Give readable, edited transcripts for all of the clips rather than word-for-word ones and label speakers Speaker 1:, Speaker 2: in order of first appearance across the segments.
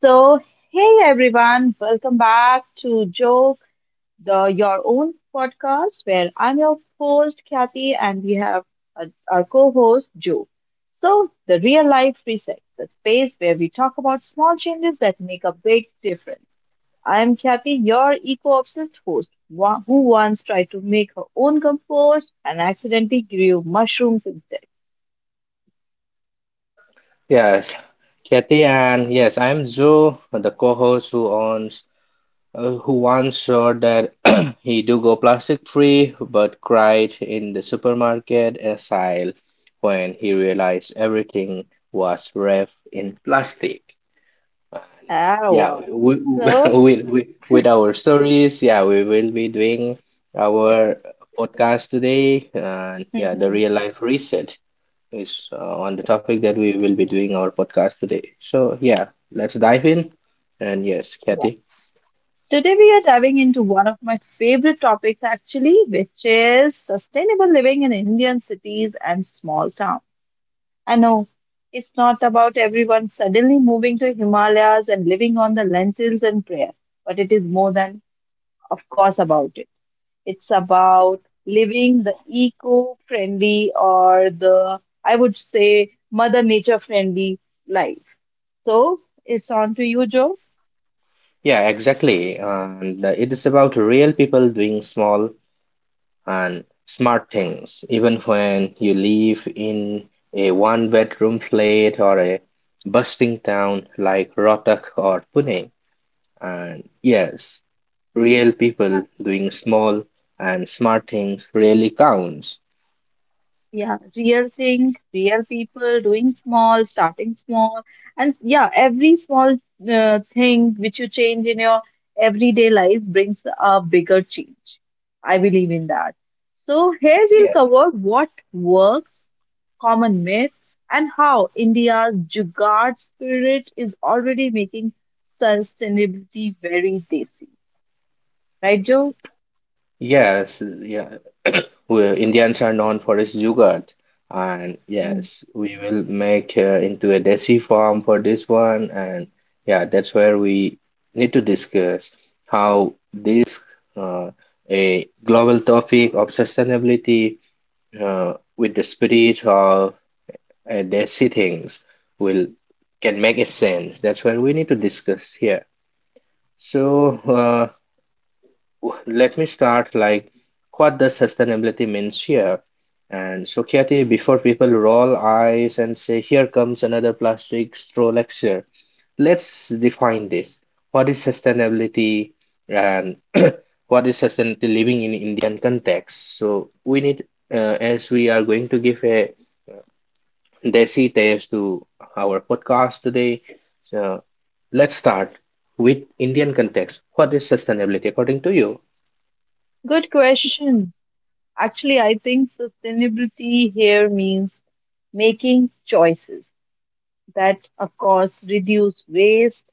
Speaker 1: So, hey everyone, welcome back to Joke, the Your Own podcast, where I'm your host, Kathy, and we have uh, our co host, Joe. So, the real life reset, the space where we talk about small changes that make a big difference. I'm Kathy, your eco obsessed host, who once tried to make her own compost and accidentally grew mushrooms instead.
Speaker 2: Yes, Kathy, and yes, I'm Joe, the co-host who once said that he do go plastic free, but cried in the supermarket aisle when he realized everything was wrapped in plastic.
Speaker 1: Oh,
Speaker 2: Yeah,
Speaker 1: wow. So,
Speaker 2: we, with our stories, yeah, we will be doing our podcast today, and yeah, the real life reset is on the topic that we will be doing our podcast today. So yeah, let's dive in. And yes,
Speaker 1: yeah.
Speaker 2: Kathy.
Speaker 1: Today, we are diving into one of my favorite topics, actually, which is sustainable living in Indian cities and small towns. I know it's not about everyone suddenly moving to Himalayas and living on the lentils and prayer, but it is more than, of course, about it. It's about living the eco friendly or the, I would say, Mother Nature friendly life. So, it's on to you, Joe.
Speaker 2: Yeah, exactly. And it is about real people doing small and smart things, even when you live in a one-bedroom flat or a bustling town like Rohtak or Pune. And yes, real people
Speaker 1: Yeah.
Speaker 2: doing small and smart things really counts.
Speaker 1: Yeah, real thing, real people doing small, starting small, and yeah, every small thing which you change in your everyday life brings a bigger change. I believe in that. So, here we'll
Speaker 2: Yeah.
Speaker 1: cover what works, common myths, and how India's Jugaad spirit is already making sustainability very tasty. Right, Joe?
Speaker 2: Yes, yeah, we, Indians are known for its yogurt. And
Speaker 1: Hmm.
Speaker 2: yes, we will make into a desi form for this one. And yeah, that's where we need to discuss how this uh, a global topic of sustainability with the spirit of desi things will can make a sense. That's where we need to discuss here. So let me start like what does sustainability means here? And Sukyati, before people roll eyes and say, here comes another plastic straw lecture, let's define this. What is sustainability and what is sustainability living in Indian context? So we need, as we are going to give a desi taste to our podcast today, so let's start with Indian context. What is sustainability according to you?
Speaker 1: Good question. Actually, I think sustainability here means making choices that, of course, reduce waste,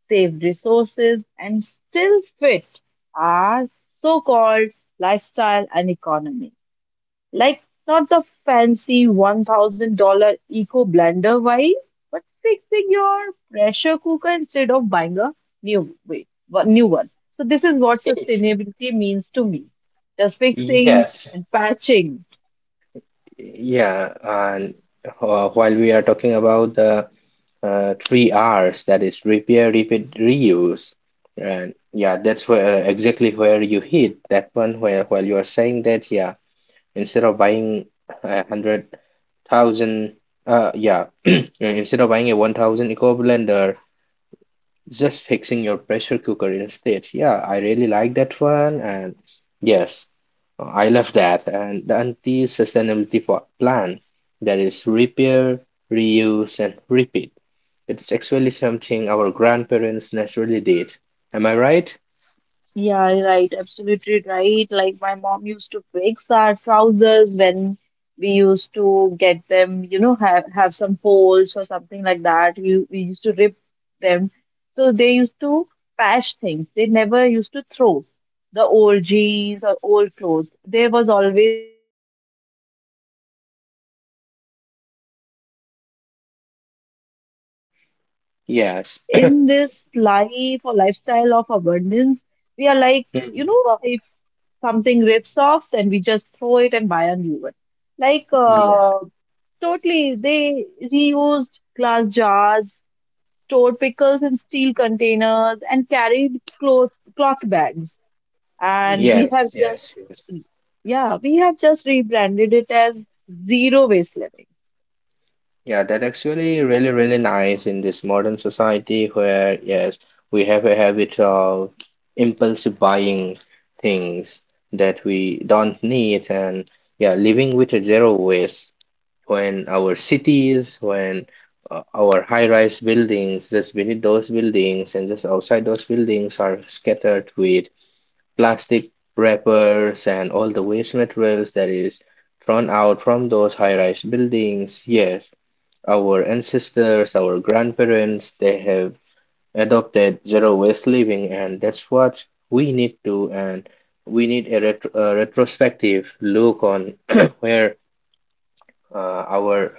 Speaker 1: save resources, and still fit our so called lifestyle and economy. Like, not the fancy $1,000 eco blender vibe, but fixing your pressure cooker instead of buying a new one. So, this is what sustainability means to me the fixing
Speaker 2: Yes,
Speaker 1: and patching.
Speaker 2: yeah, and while we are talking about the three R's, that is repair, repeat, reuse, and yeah, that's where exactly where you hit that one where while you are saying that, yeah, instead of buying 100,000, uh, yeah, instead of buying a 1,000 eco blender. Just fixing your pressure cooker instead. Yeah, I really like that one. And yes, I love that. And the anti-sustainability plan, that is repair, reuse, and repeat. It's actually something our grandparents naturally did. Am I right?
Speaker 1: Yeah, right. Absolutely right. Like my mom used to fix our trousers when we used to get them, you know, have some folds or something like that. We used to rip them. So they used to patch things. They never used to throw the old jeans or old clothes. There was always fixing was the first measure which our parents or grandparents used to take. But nowadays,
Speaker 2: Yes.
Speaker 1: in this life or lifestyle of abundance we are like, you
Speaker 2: Mhm.
Speaker 1: know, if something rips off, then we just throw it and buy a new one. Like,
Speaker 2: Yeah.
Speaker 1: totally, they reused glass jars, stored pickles in steel containers, and carried cloth bags. And
Speaker 2: Yes, yes, yes.
Speaker 1: yeah, we have just rebranded it as zero waste living.
Speaker 2: Yeah, that actually really, really nice in this modern society where, yes, we have a habit of impulsive buying things that we don't need, and yeah, living with a zero waste when our high-rise buildings, just beneath those buildings and just outside those buildings are scattered with plastic wrappers and all the waste materials that is thrown out from those high-rise buildings. Yes, our ancestors, our grandparents, they have adopted zero waste living, and that's what we need to. And we need a retrospective look on where uh, our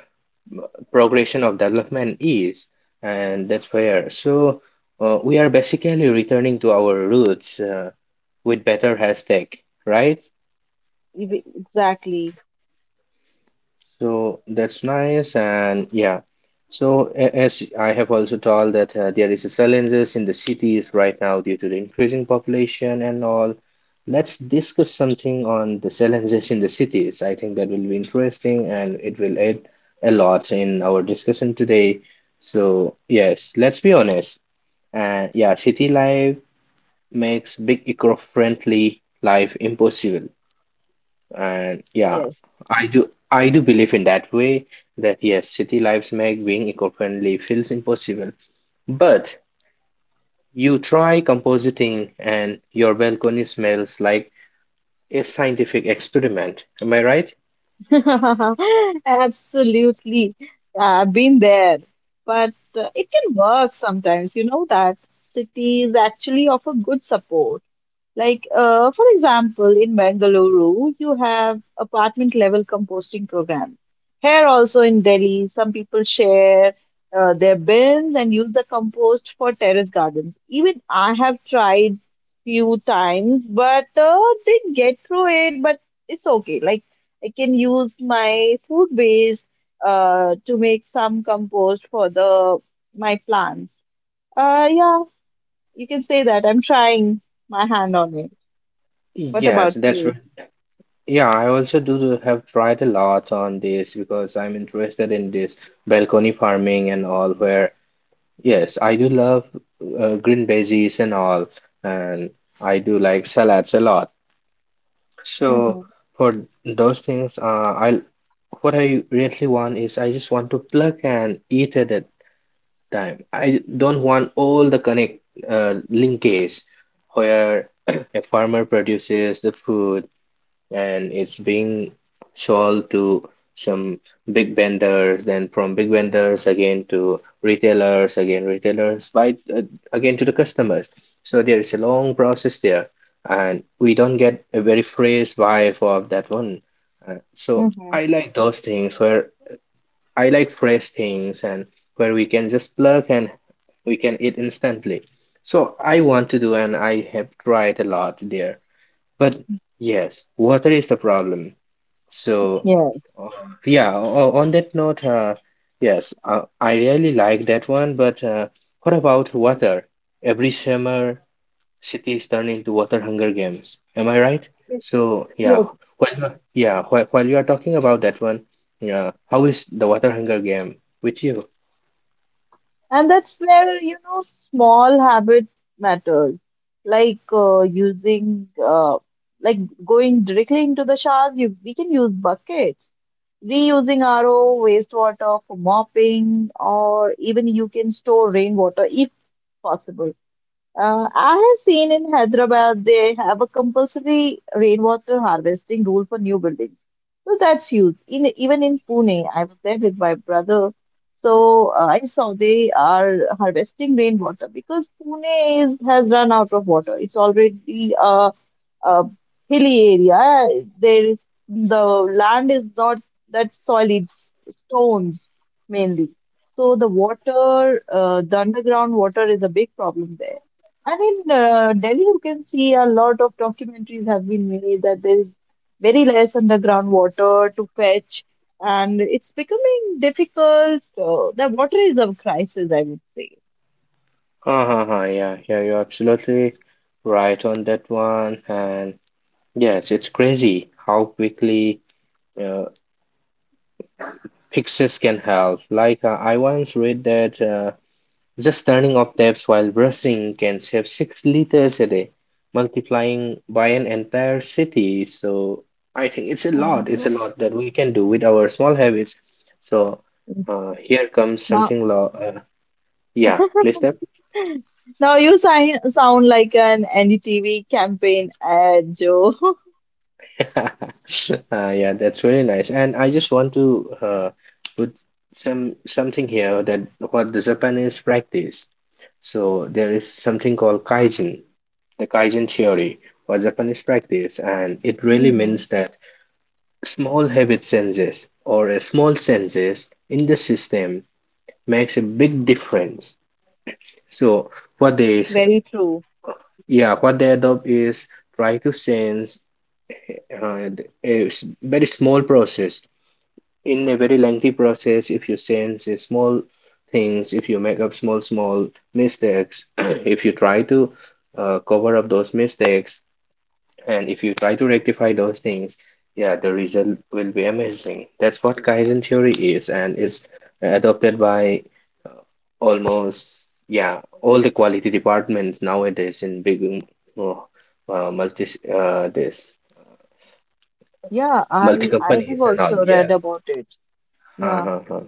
Speaker 2: progression of development is, and that's where. So we are basically returning to our roots with better hashtag, right?
Speaker 1: Exactly.
Speaker 2: So that's nice, and yeah. So as I have also told that there is a challenges in the cities right now due to the increasing population and all. Let's discuss something on the challenges in the cities. I think that will be interesting, and it will add a lot in our discussion today. So yes, let's be honest. Yeah, city life makes big eco-friendly life impossible. And yeah,
Speaker 1: Yes.
Speaker 2: I do believe in that way that yes, city lives make being eco-friendly feels impossible. But you try compositing and your balcony smells like a scientific experiment. Am I right?
Speaker 1: Absolutely. I've been there. But it can work sometimes. You know that cities actually offer good support. Like, for example, in Bengaluru, you have apartment level composting program. Here also in Delhi, some people share their bins and use the compost for terrace gardens. Even I have tried few times, but didn't get through it. But it's okay. Like, I can use my food waste to make some compost for the my plants. Yeah, you can say that. I'm trying my hand on it. What
Speaker 2: Yes,
Speaker 1: about
Speaker 2: that's right.
Speaker 1: you?
Speaker 2: Yeah, I also do have tried a lot on this because I'm interested in this balcony farming and all where yes, I do love green veggies and all, and I do like salads a lot. So
Speaker 1: Mm-hmm.
Speaker 2: for those things, I what I really want is I just want to plug and eat at that time. I don't want all the connect linkages where a farmer produces the food and it's being sold to some big vendors, then from big vendors again to retailers, again retailers, by again to the customers. So there is a long process there, and we don't get a very fresh vibe of that one. So
Speaker 1: Mm-hmm.
Speaker 2: I like those things where I like fresh things, and where we can just plug and we can eat instantly. So I want to do, and I have tried a lot there. But yes, water is the problem. So,
Speaker 1: Yeah.
Speaker 2: uh, yeah, on that note, yes, I really like that one. But what about water? Every summer, cities turn into water hunger games. Am I right? So, yeah,
Speaker 1: Yes.
Speaker 2: yeah, while you are talking about that one, yeah, how is the water hunger game with you?
Speaker 1: And that's where, you know, small habits matters. Like using, like going directly into the showers, we can use buckets. Reusing RO wastewater for mopping, or even you can store rainwater if possible. I have seen in Hyderabad they have a compulsory rainwater harvesting rule for new buildings. So that's huge. In, even in Pune, I was there with my brother. So I saw they are harvesting rainwater because Pune is, has run out of water. It's already a hilly area. There is the land is not that soil, it's stones mainly. So the water, the underground water is a big problem there. And in Delhi, you can see a lot of documentaries have been made that there is very less underground water to fetch, and it's becoming difficult. The water is a crisis, I would say.
Speaker 2: Uh-huh, yeah, yeah, you're absolutely right on that one. And yes, it's crazy how quickly. uh, Fixes can help. Like I once read that just turning off taps while brushing can save 6 liters a day, multiplying by an entire city. So I think it's a
Speaker 1: Oh my
Speaker 2: lot. It's a
Speaker 1: God.
Speaker 2: lot that we can do with our small habits. So here comes
Speaker 1: Now,
Speaker 2: something. Lo Yeah, please step.
Speaker 1: now you sound like an NDTV campaign ad, Joe.
Speaker 2: uh, yeah, that's really nice. And I just want to put something here that what the Japanese practice. So there is something called kaijin. The Kaizen theory was Japanese practice, and it really
Speaker 1: Hmm.
Speaker 2: means that small habit changes or a small changes in the system makes a big difference. So what they,
Speaker 1: Very true.
Speaker 2: yeah, what they adopt is try to change uh, very small process in a very lengthy process. If you change a small things, if you make up small small mistakes, if you try to cover up those mistakes, and if you try to rectify those things, yeah, the result will be amazing. That's what Kaizen theory is, and is adopted by uh, almost, yeah, all the quality departments nowadays in big, uh, uh, multi, uh, this,
Speaker 1: Yeah,
Speaker 2: multi
Speaker 1: I have
Speaker 2: companies and all.
Speaker 1: also read
Speaker 2: Yes.
Speaker 1: about it.
Speaker 2: Huh,
Speaker 1: Yeah.
Speaker 2: huh, huh.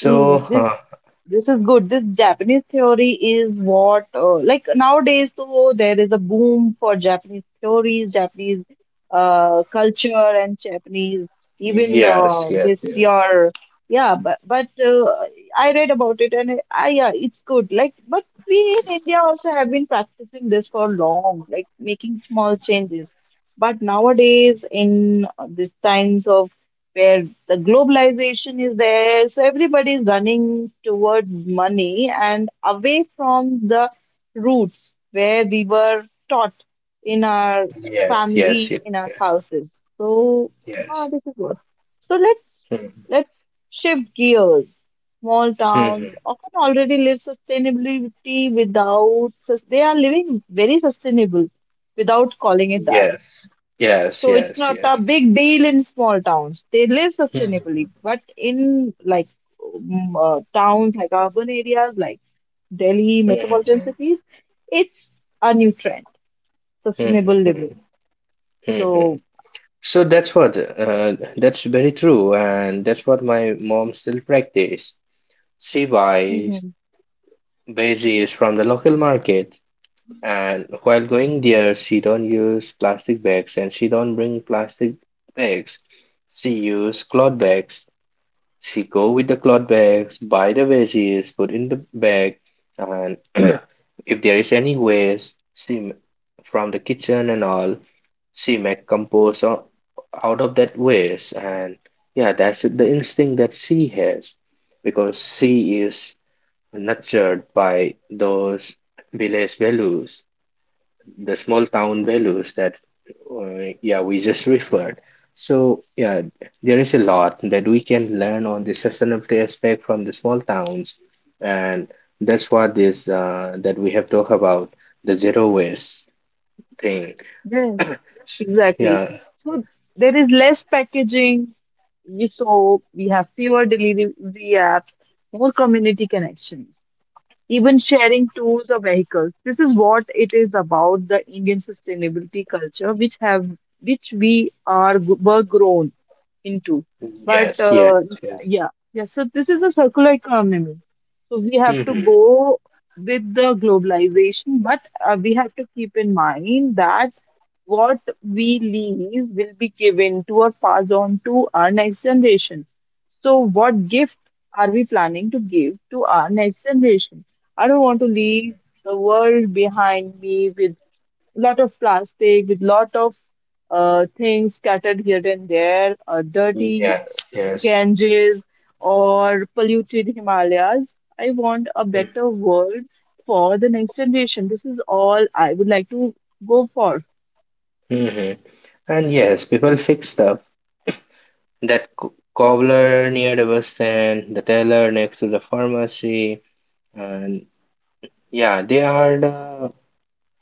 Speaker 1: Is this this is good. This Japanese theory is what like nowadays though there is a boom for Japanese theories, Japanese culture, and Japanese even
Speaker 2: yes, yes,
Speaker 1: this
Speaker 2: yes,
Speaker 1: year. Yeah, but I read about it and I yeah, it's good. Like, but we in India also have been practicing this for long, like making small changes. But nowadays in this times of where the globalization is there. So everybody is running towards money and away from the roots where we were taught in our
Speaker 2: yes, yes,
Speaker 1: family,
Speaker 2: yes,
Speaker 1: in our
Speaker 2: yes,
Speaker 1: houses. So ah,
Speaker 2: yes.
Speaker 1: this is what. So
Speaker 2: Mhm,
Speaker 1: let's shift gears. Small towns
Speaker 2: mhm.
Speaker 1: often already live sustainability without they are living very sustainable without calling it that
Speaker 2: Yes, yes,
Speaker 1: so it's
Speaker 2: yes,
Speaker 1: not a
Speaker 2: yes.
Speaker 1: big deal in small towns. They live
Speaker 2: Mhm.
Speaker 1: sustainably, but in like towns, like urban areas, like Delhi metropolitan
Speaker 2: Mhm.
Speaker 1: cities, it's a new trend,
Speaker 2: Hmm,
Speaker 1: sustainable living.
Speaker 2: hmm.
Speaker 1: So
Speaker 2: So that's very true, and that's what my mom still practice. She buys
Speaker 1: hmm
Speaker 2: veggies from the local market, and while going there, she don't use plastic bags and she don't bring plastic bags. She use cloth bags. She go with the cloth bags, buy the veggies, put in the bag, and if there is any waste, from the kitchen and all, she make compost out of that waste. And yeah, that's the instinct that she has because she is nurtured by those village values, the small town values that yeah, we just referred. So yeah, there is a lot that we can learn on the sustainability aspect from the small towns, and that's what this that we have talked about, the zero waste thing.
Speaker 1: yes, exactly.
Speaker 2: Yeah,
Speaker 1: So there is less packaging. We so we have fewer delivery apps, more community connections. Even sharing tools or vehicles. This is what it is about the Indian sustainability culture, which have which we are were grown into.
Speaker 2: yes,
Speaker 1: But
Speaker 2: yes, yes,
Speaker 1: yeah, yeah. So this is a circular economy. So we have to
Speaker 2: hmm,
Speaker 1: go with the globalization, but we have to keep in mind that what we leave will be given to or passed on to our next generation. So what gift are we planning to give to our next generation? I don't want to leave the world behind me with lot of plastic, with lot of things scattered here and there, dirty
Speaker 2: yes, yes,
Speaker 1: Ganges or polluted Himalayas. I want a better world for the next generation. This is all I would like to go for.
Speaker 2: hmm. And yes, people fix stuff. That cobbler near the bus stand, the teller next to the pharmacy, and yeah, they are the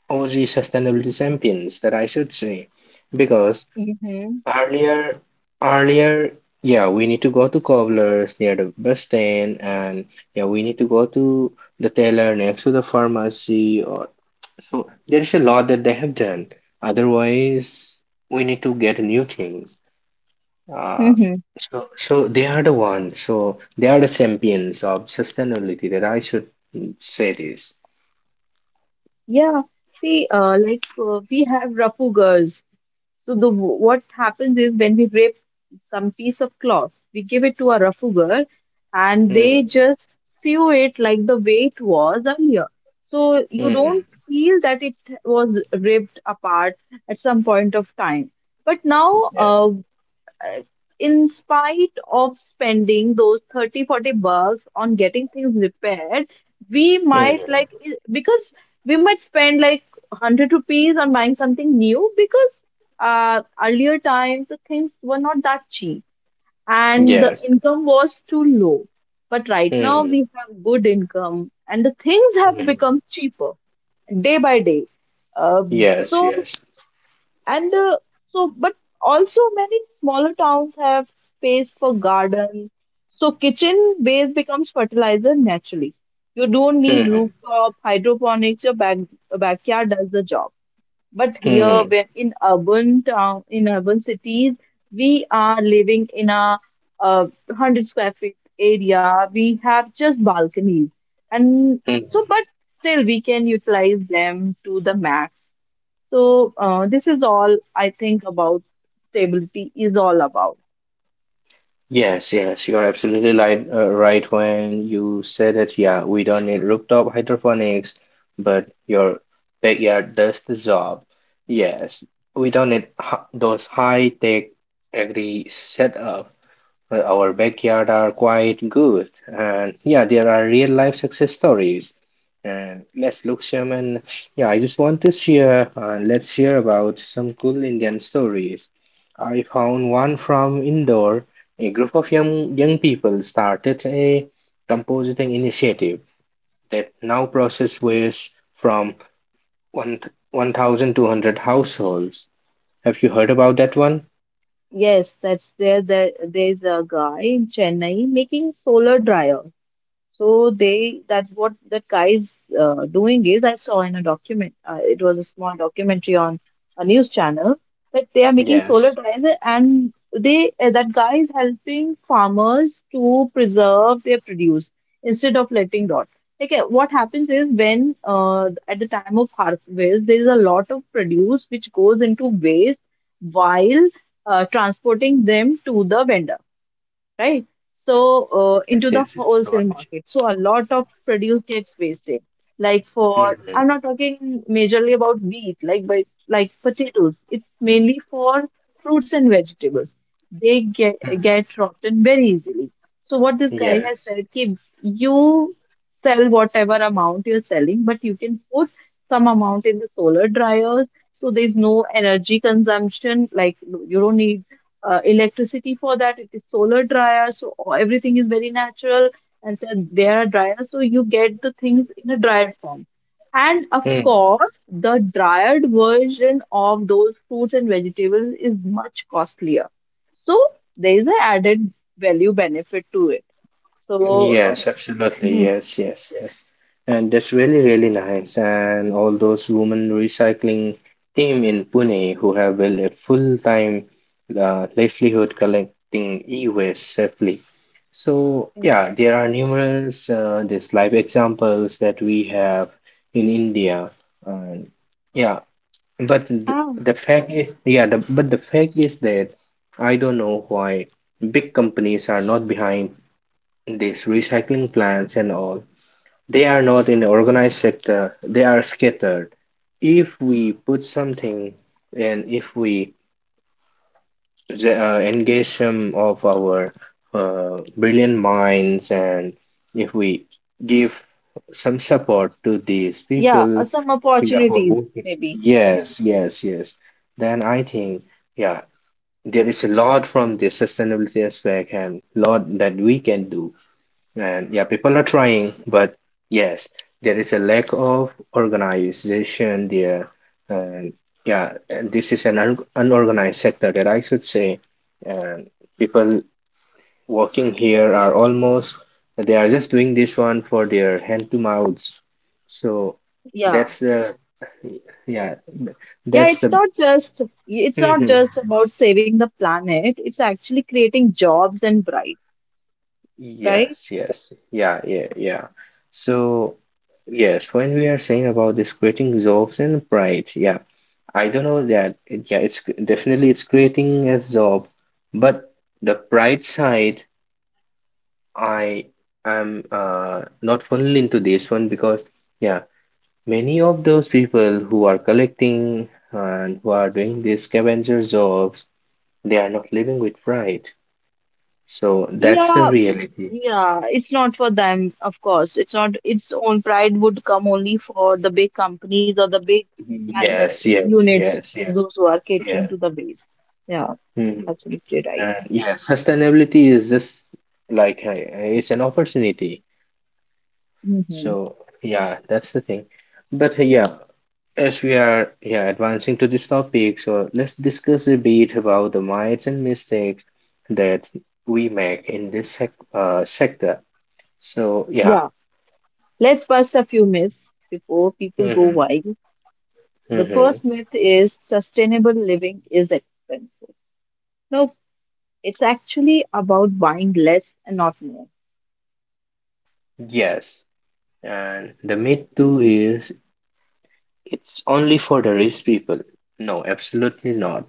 Speaker 2: OG sustainability champions that I should say. Because
Speaker 1: Mm-hmm.
Speaker 2: earlier, earlier, yeah, we need to go to Cobbler's near the bus stand, and yeah, we need to go to the tailor next to the pharmacy. Or so there is a lot that they have done. Otherwise, we need to get new things. Uh,
Speaker 1: Mm-hmm.
Speaker 2: so they are the one. So they are the champions of sustainability that I should say this.
Speaker 1: Yeah. See, like we have Rapu girls. So the what happens is when we rip some piece of cloth, we give it to a rougher and they
Speaker 2: Hmm.
Speaker 1: just sew it like the way it was earlier. So you
Speaker 2: Mm-hmm.
Speaker 1: don't feel that it was ripped apart at some point of time. But now,
Speaker 2: Yeah.
Speaker 1: uh, in spite of spending those 30 40 bucks on getting things repaired we might
Speaker 2: Mm-hmm.
Speaker 1: like because we might spend like 100 rupees on buying something new because earlier times the things were not that cheap and the
Speaker 2: Yes.
Speaker 1: income was too low but right now
Speaker 2: Mm-hmm.
Speaker 1: we have good income and the things have become
Speaker 2: Mm-hmm.
Speaker 1: cheaper day by day.
Speaker 2: Yes.
Speaker 1: So
Speaker 2: Yes.
Speaker 1: and so, but also many smaller towns have space for gardens. So kitchen waste becomes fertilizer naturally. You don't need
Speaker 2: Mm-hmm.
Speaker 1: rooftop hydroponics. Backyard does the job. But here,
Speaker 2: Mm-hmm.
Speaker 1: when in urban town, in urban cities, we are living in a 100 square feet area. We have just balconies. And so,
Speaker 2: Mm-hmm.
Speaker 1: but still, we can utilize them to the max. So, this is all I think about stability is all about.
Speaker 2: Yes. Yes. You're absolutely right. Right when you said that. Yeah, we don't need rooftop hydroponics, but your backyard does the job. Yes. We don't need h those high-tech agri setup. Our backyard are quite good. And yeah, there are real life success stories. And let's look, Sherman. Yeah, I just want to share, let's hear about some cool Indian stories. I found one from Indore. A group of young people started a compositing initiative that now process waste from one 1,200 households. Have you heard about that one?
Speaker 1: Yes, that's there. There's a guy in Chennai making solar dryer. So they that what that guy's doing is I saw in a document. It was a small documentary on a news channel that they are making solar
Speaker 2: Yes.
Speaker 1: tires and they that guy is helping farmers to preserve their produce instead of letting rot. Okay, what happens is when at the time of harvest there is a lot of produce which goes into waste while transporting them to the vendor right? So into
Speaker 2: Yes,
Speaker 1: the
Speaker 2: yes, it's
Speaker 1: wholesale
Speaker 2: right.
Speaker 1: market. So a lot of produce gets wasted. Like for
Speaker 2: Mhm.
Speaker 1: I'm not talking majorly about wheat, like but like potatoes. It's mainly for fruits and vegetables. They get rotten very easily. So what this guy has
Speaker 2: Yes.
Speaker 1: said, ki you sell whatever amount you're selling, but you can put some amount in the solar dryers. So there's no energy consumption. Like you don't need electricity for that. It is solar dryer, so everything is very natural. And so there are dryers so you get the things in a dried form. And of
Speaker 2: Mm.
Speaker 1: course, the dried version of those fruits and vegetables is much costlier. So there is an added value benefit to it. So,
Speaker 2: Yes, absolutely.
Speaker 1: mhm.
Speaker 2: Yes, yes, yes. And that's really, really nice. And all those women recycling team in Pune who have built a full-time livelihood collecting e-waste safely. So yeah, there are numerous these live examples that we have in India. And yeah, but th-
Speaker 1: Ah,
Speaker 2: the fact is, yeah, the fact is that I don't know why big companies are not behind these recycling plants and all. They are not in the organized sector. They are scattered. If we put something and if we engage some of our brilliant minds and if we give some support to these
Speaker 1: yeah,
Speaker 2: people
Speaker 1: some
Speaker 2: who are
Speaker 1: opportunities
Speaker 2: working.
Speaker 1: maybe.
Speaker 2: Yes, yes, yes. Then I think, yeah, there is a lot from the sustainability aspect and lot that we can do. And yeah, people are trying, but yes, there is a lack of organization there. And yeah, and this is an un unorganized sector that I should say. And people working here are almost, they are just doing this one for their hand to mouths. So
Speaker 1: Yeah.
Speaker 2: that's the, yeah,
Speaker 1: Yeah,
Speaker 2: that's the,
Speaker 1: it's not just about saving the planet. It's actually creating jobs and bright, right?
Speaker 2: yes, yes, yeah, yeah, yeah. So, yes, when we are saying about this creating jobs and pride, yeah, I don't know that. Yeah, definitely it's creating a job, but the pride side, I am not fully into this one because, yeah, many of those people who are collecting and who are doing these scavenger jobs, they are not living with pride. So that's the
Speaker 1: Yeah,
Speaker 2: reality.
Speaker 1: yeah. It's not for them, of course. It's not. Its own pride would come only for the big companies or the big man-
Speaker 2: Yes, yes,
Speaker 1: units,
Speaker 2: yes, yes.
Speaker 1: those who are
Speaker 2: Yeah.
Speaker 1: catering to the waste. Yeah,
Speaker 2: Hmm.
Speaker 1: absolutely right.
Speaker 2: And yeah, sustainability is just like it's an opportunity.
Speaker 1: Hmm.
Speaker 2: So yeah, that's the thing. But yeah, as we are, yeah, advancing to this topic, so let's discuss a bit about the mites and mistakes that we make in this sector. So yeah.
Speaker 1: Yeah. Let's bust a few myths before people go
Speaker 2: Hmm,
Speaker 1: wild. The
Speaker 2: hmm.
Speaker 1: first myth is sustainable living is expensive. No, it's actually about buying less and not more.
Speaker 2: Yes. And the myth too is it's only for the rich people. No, absolutely not.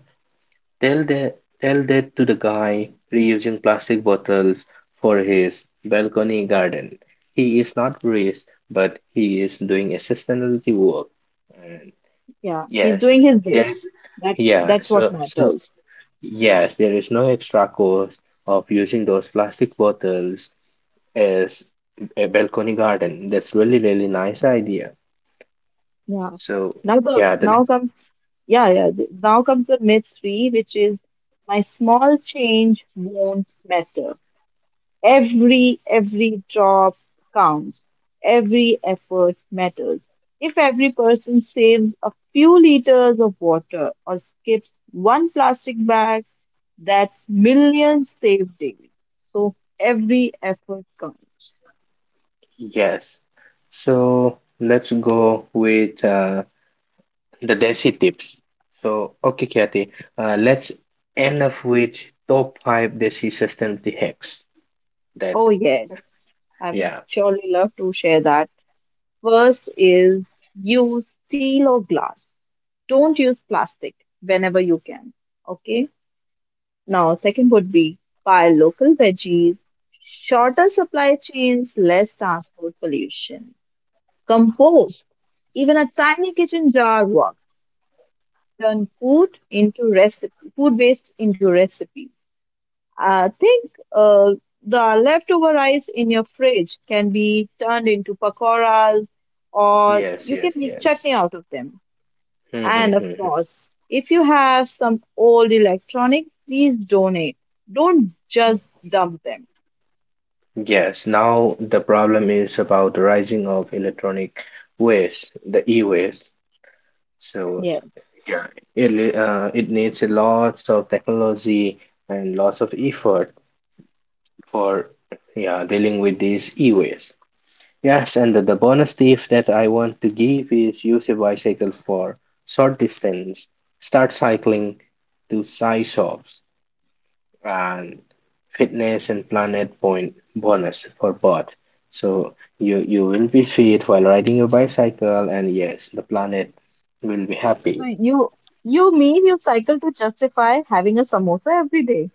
Speaker 2: Tell that to the guy reusing plastic bottles for his balcony garden. He is not rich, but he is doing a sustainability work. And
Speaker 1: Yeah, he's
Speaker 2: yes,
Speaker 1: doing his bit.
Speaker 2: there is,
Speaker 1: That
Speaker 2: yeah,
Speaker 1: that's what
Speaker 2: so, so,
Speaker 1: matters.
Speaker 2: yes, there is no extra cost of using those plastic bottles as a balcony garden. That's really, really nice idea.
Speaker 1: Yeah.
Speaker 2: So,
Speaker 1: Now the
Speaker 2: yeah, the
Speaker 1: now
Speaker 2: next,
Speaker 1: comes yeah yeah th- now comes the myth three, which is my small change won't matter. Every drop counts. Every effort matters. If every person saves a few liters of water or skips one plastic bag, that's millions saved daily. So every effort counts.
Speaker 2: yes. So, let's go with, the Desi tips. So, okay, Kathy, let's end up with top five Desi sustainability hacks. That,
Speaker 1: Oh yes, I would
Speaker 2: yeah,
Speaker 1: surely love to share that. First is use steel or glass. Don't use plastic whenever you can. Okay. Now, second would be buy local veggies, shorter supply chains, less transport pollution. Compost, even a tiny kitchen jar works. Turn food into recipe, food waste into recipes. I think uh, the leftover rice in your fridge can be turned into pakoras, or
Speaker 2: yes,
Speaker 1: you can
Speaker 2: yes,
Speaker 1: make
Speaker 2: yes.
Speaker 1: chutney out of them.
Speaker 2: Hmm, hmm,
Speaker 1: And of
Speaker 2: hmm, hmm,
Speaker 1: course, if you have some old electronic, please donate. Don't
Speaker 2: hmm.
Speaker 1: just dump them.
Speaker 2: Yes, now the problem is about the rising of electronic waste, the e-waste. So,
Speaker 1: Yeah.
Speaker 2: yeah, it needs a lots of technology and lots of effort for, yeah, dealing with these e-waste. Yes, and the bonus tip that I want to give is use a bicycle for short distance. Start cycling to size shops and fitness and planet point bonus for both. So you will be fit while riding your bicycle, and yes, the planet will be
Speaker 1: So
Speaker 2: happy.
Speaker 1: you mean you cycle to justify having a samosa every day.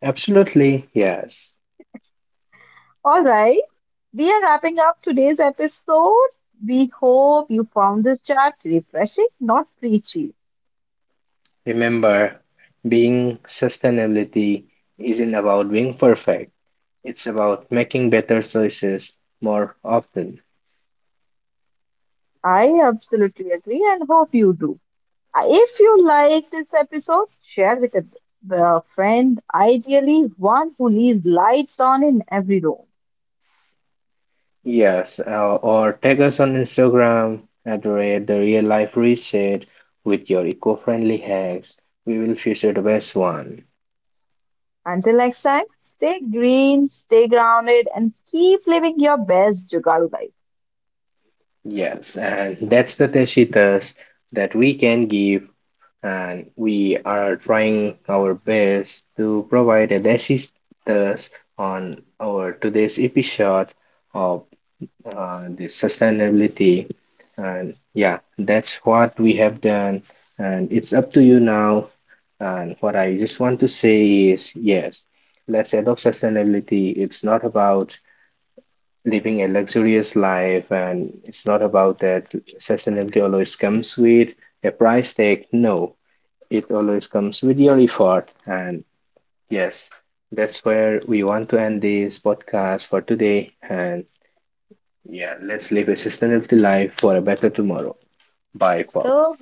Speaker 2: Absolutely, yes.
Speaker 1: All right. We are wrapping up today's episode. We hope you found this chat refreshing, not preachy.
Speaker 2: Remember, being sustainability isn't about being perfect. It's about making better choices more often.
Speaker 1: I absolutely agree and hope you do. If you like this episode, share with a friend, ideally one who leaves lights on in every room.
Speaker 2: Yes, or tag us on Instagram at the rate the real life reset with your eco-friendly hacks. We will feature the best one.
Speaker 1: Until next time, stay green, stay grounded, and keep living your best Jugaadu life.
Speaker 2: Yes, and that's the Teshitas that we can give, and we are trying our best to provide a Teshitas on our today's episode of the sustainability. And yeah, that's what we have done. And it's up to you now. And what I just want to say is yes, let's adopt sustainability. It's not about living a luxurious life, and it's not about that sustainability always comes with a price tag. No, it always comes with your effort. And yes, that's where we want to end this podcast for today. And yeah, let's live a sustainable life for a better tomorrow. Bye, folks.
Speaker 1: So,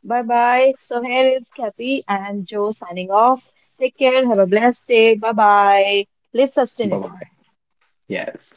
Speaker 1: bye bye. So, here is Kathy and Joe signing off. Take care. Have a blessed day. Bye bye. Live
Speaker 2: Bye
Speaker 1: sustainable.
Speaker 2: bye. Yes.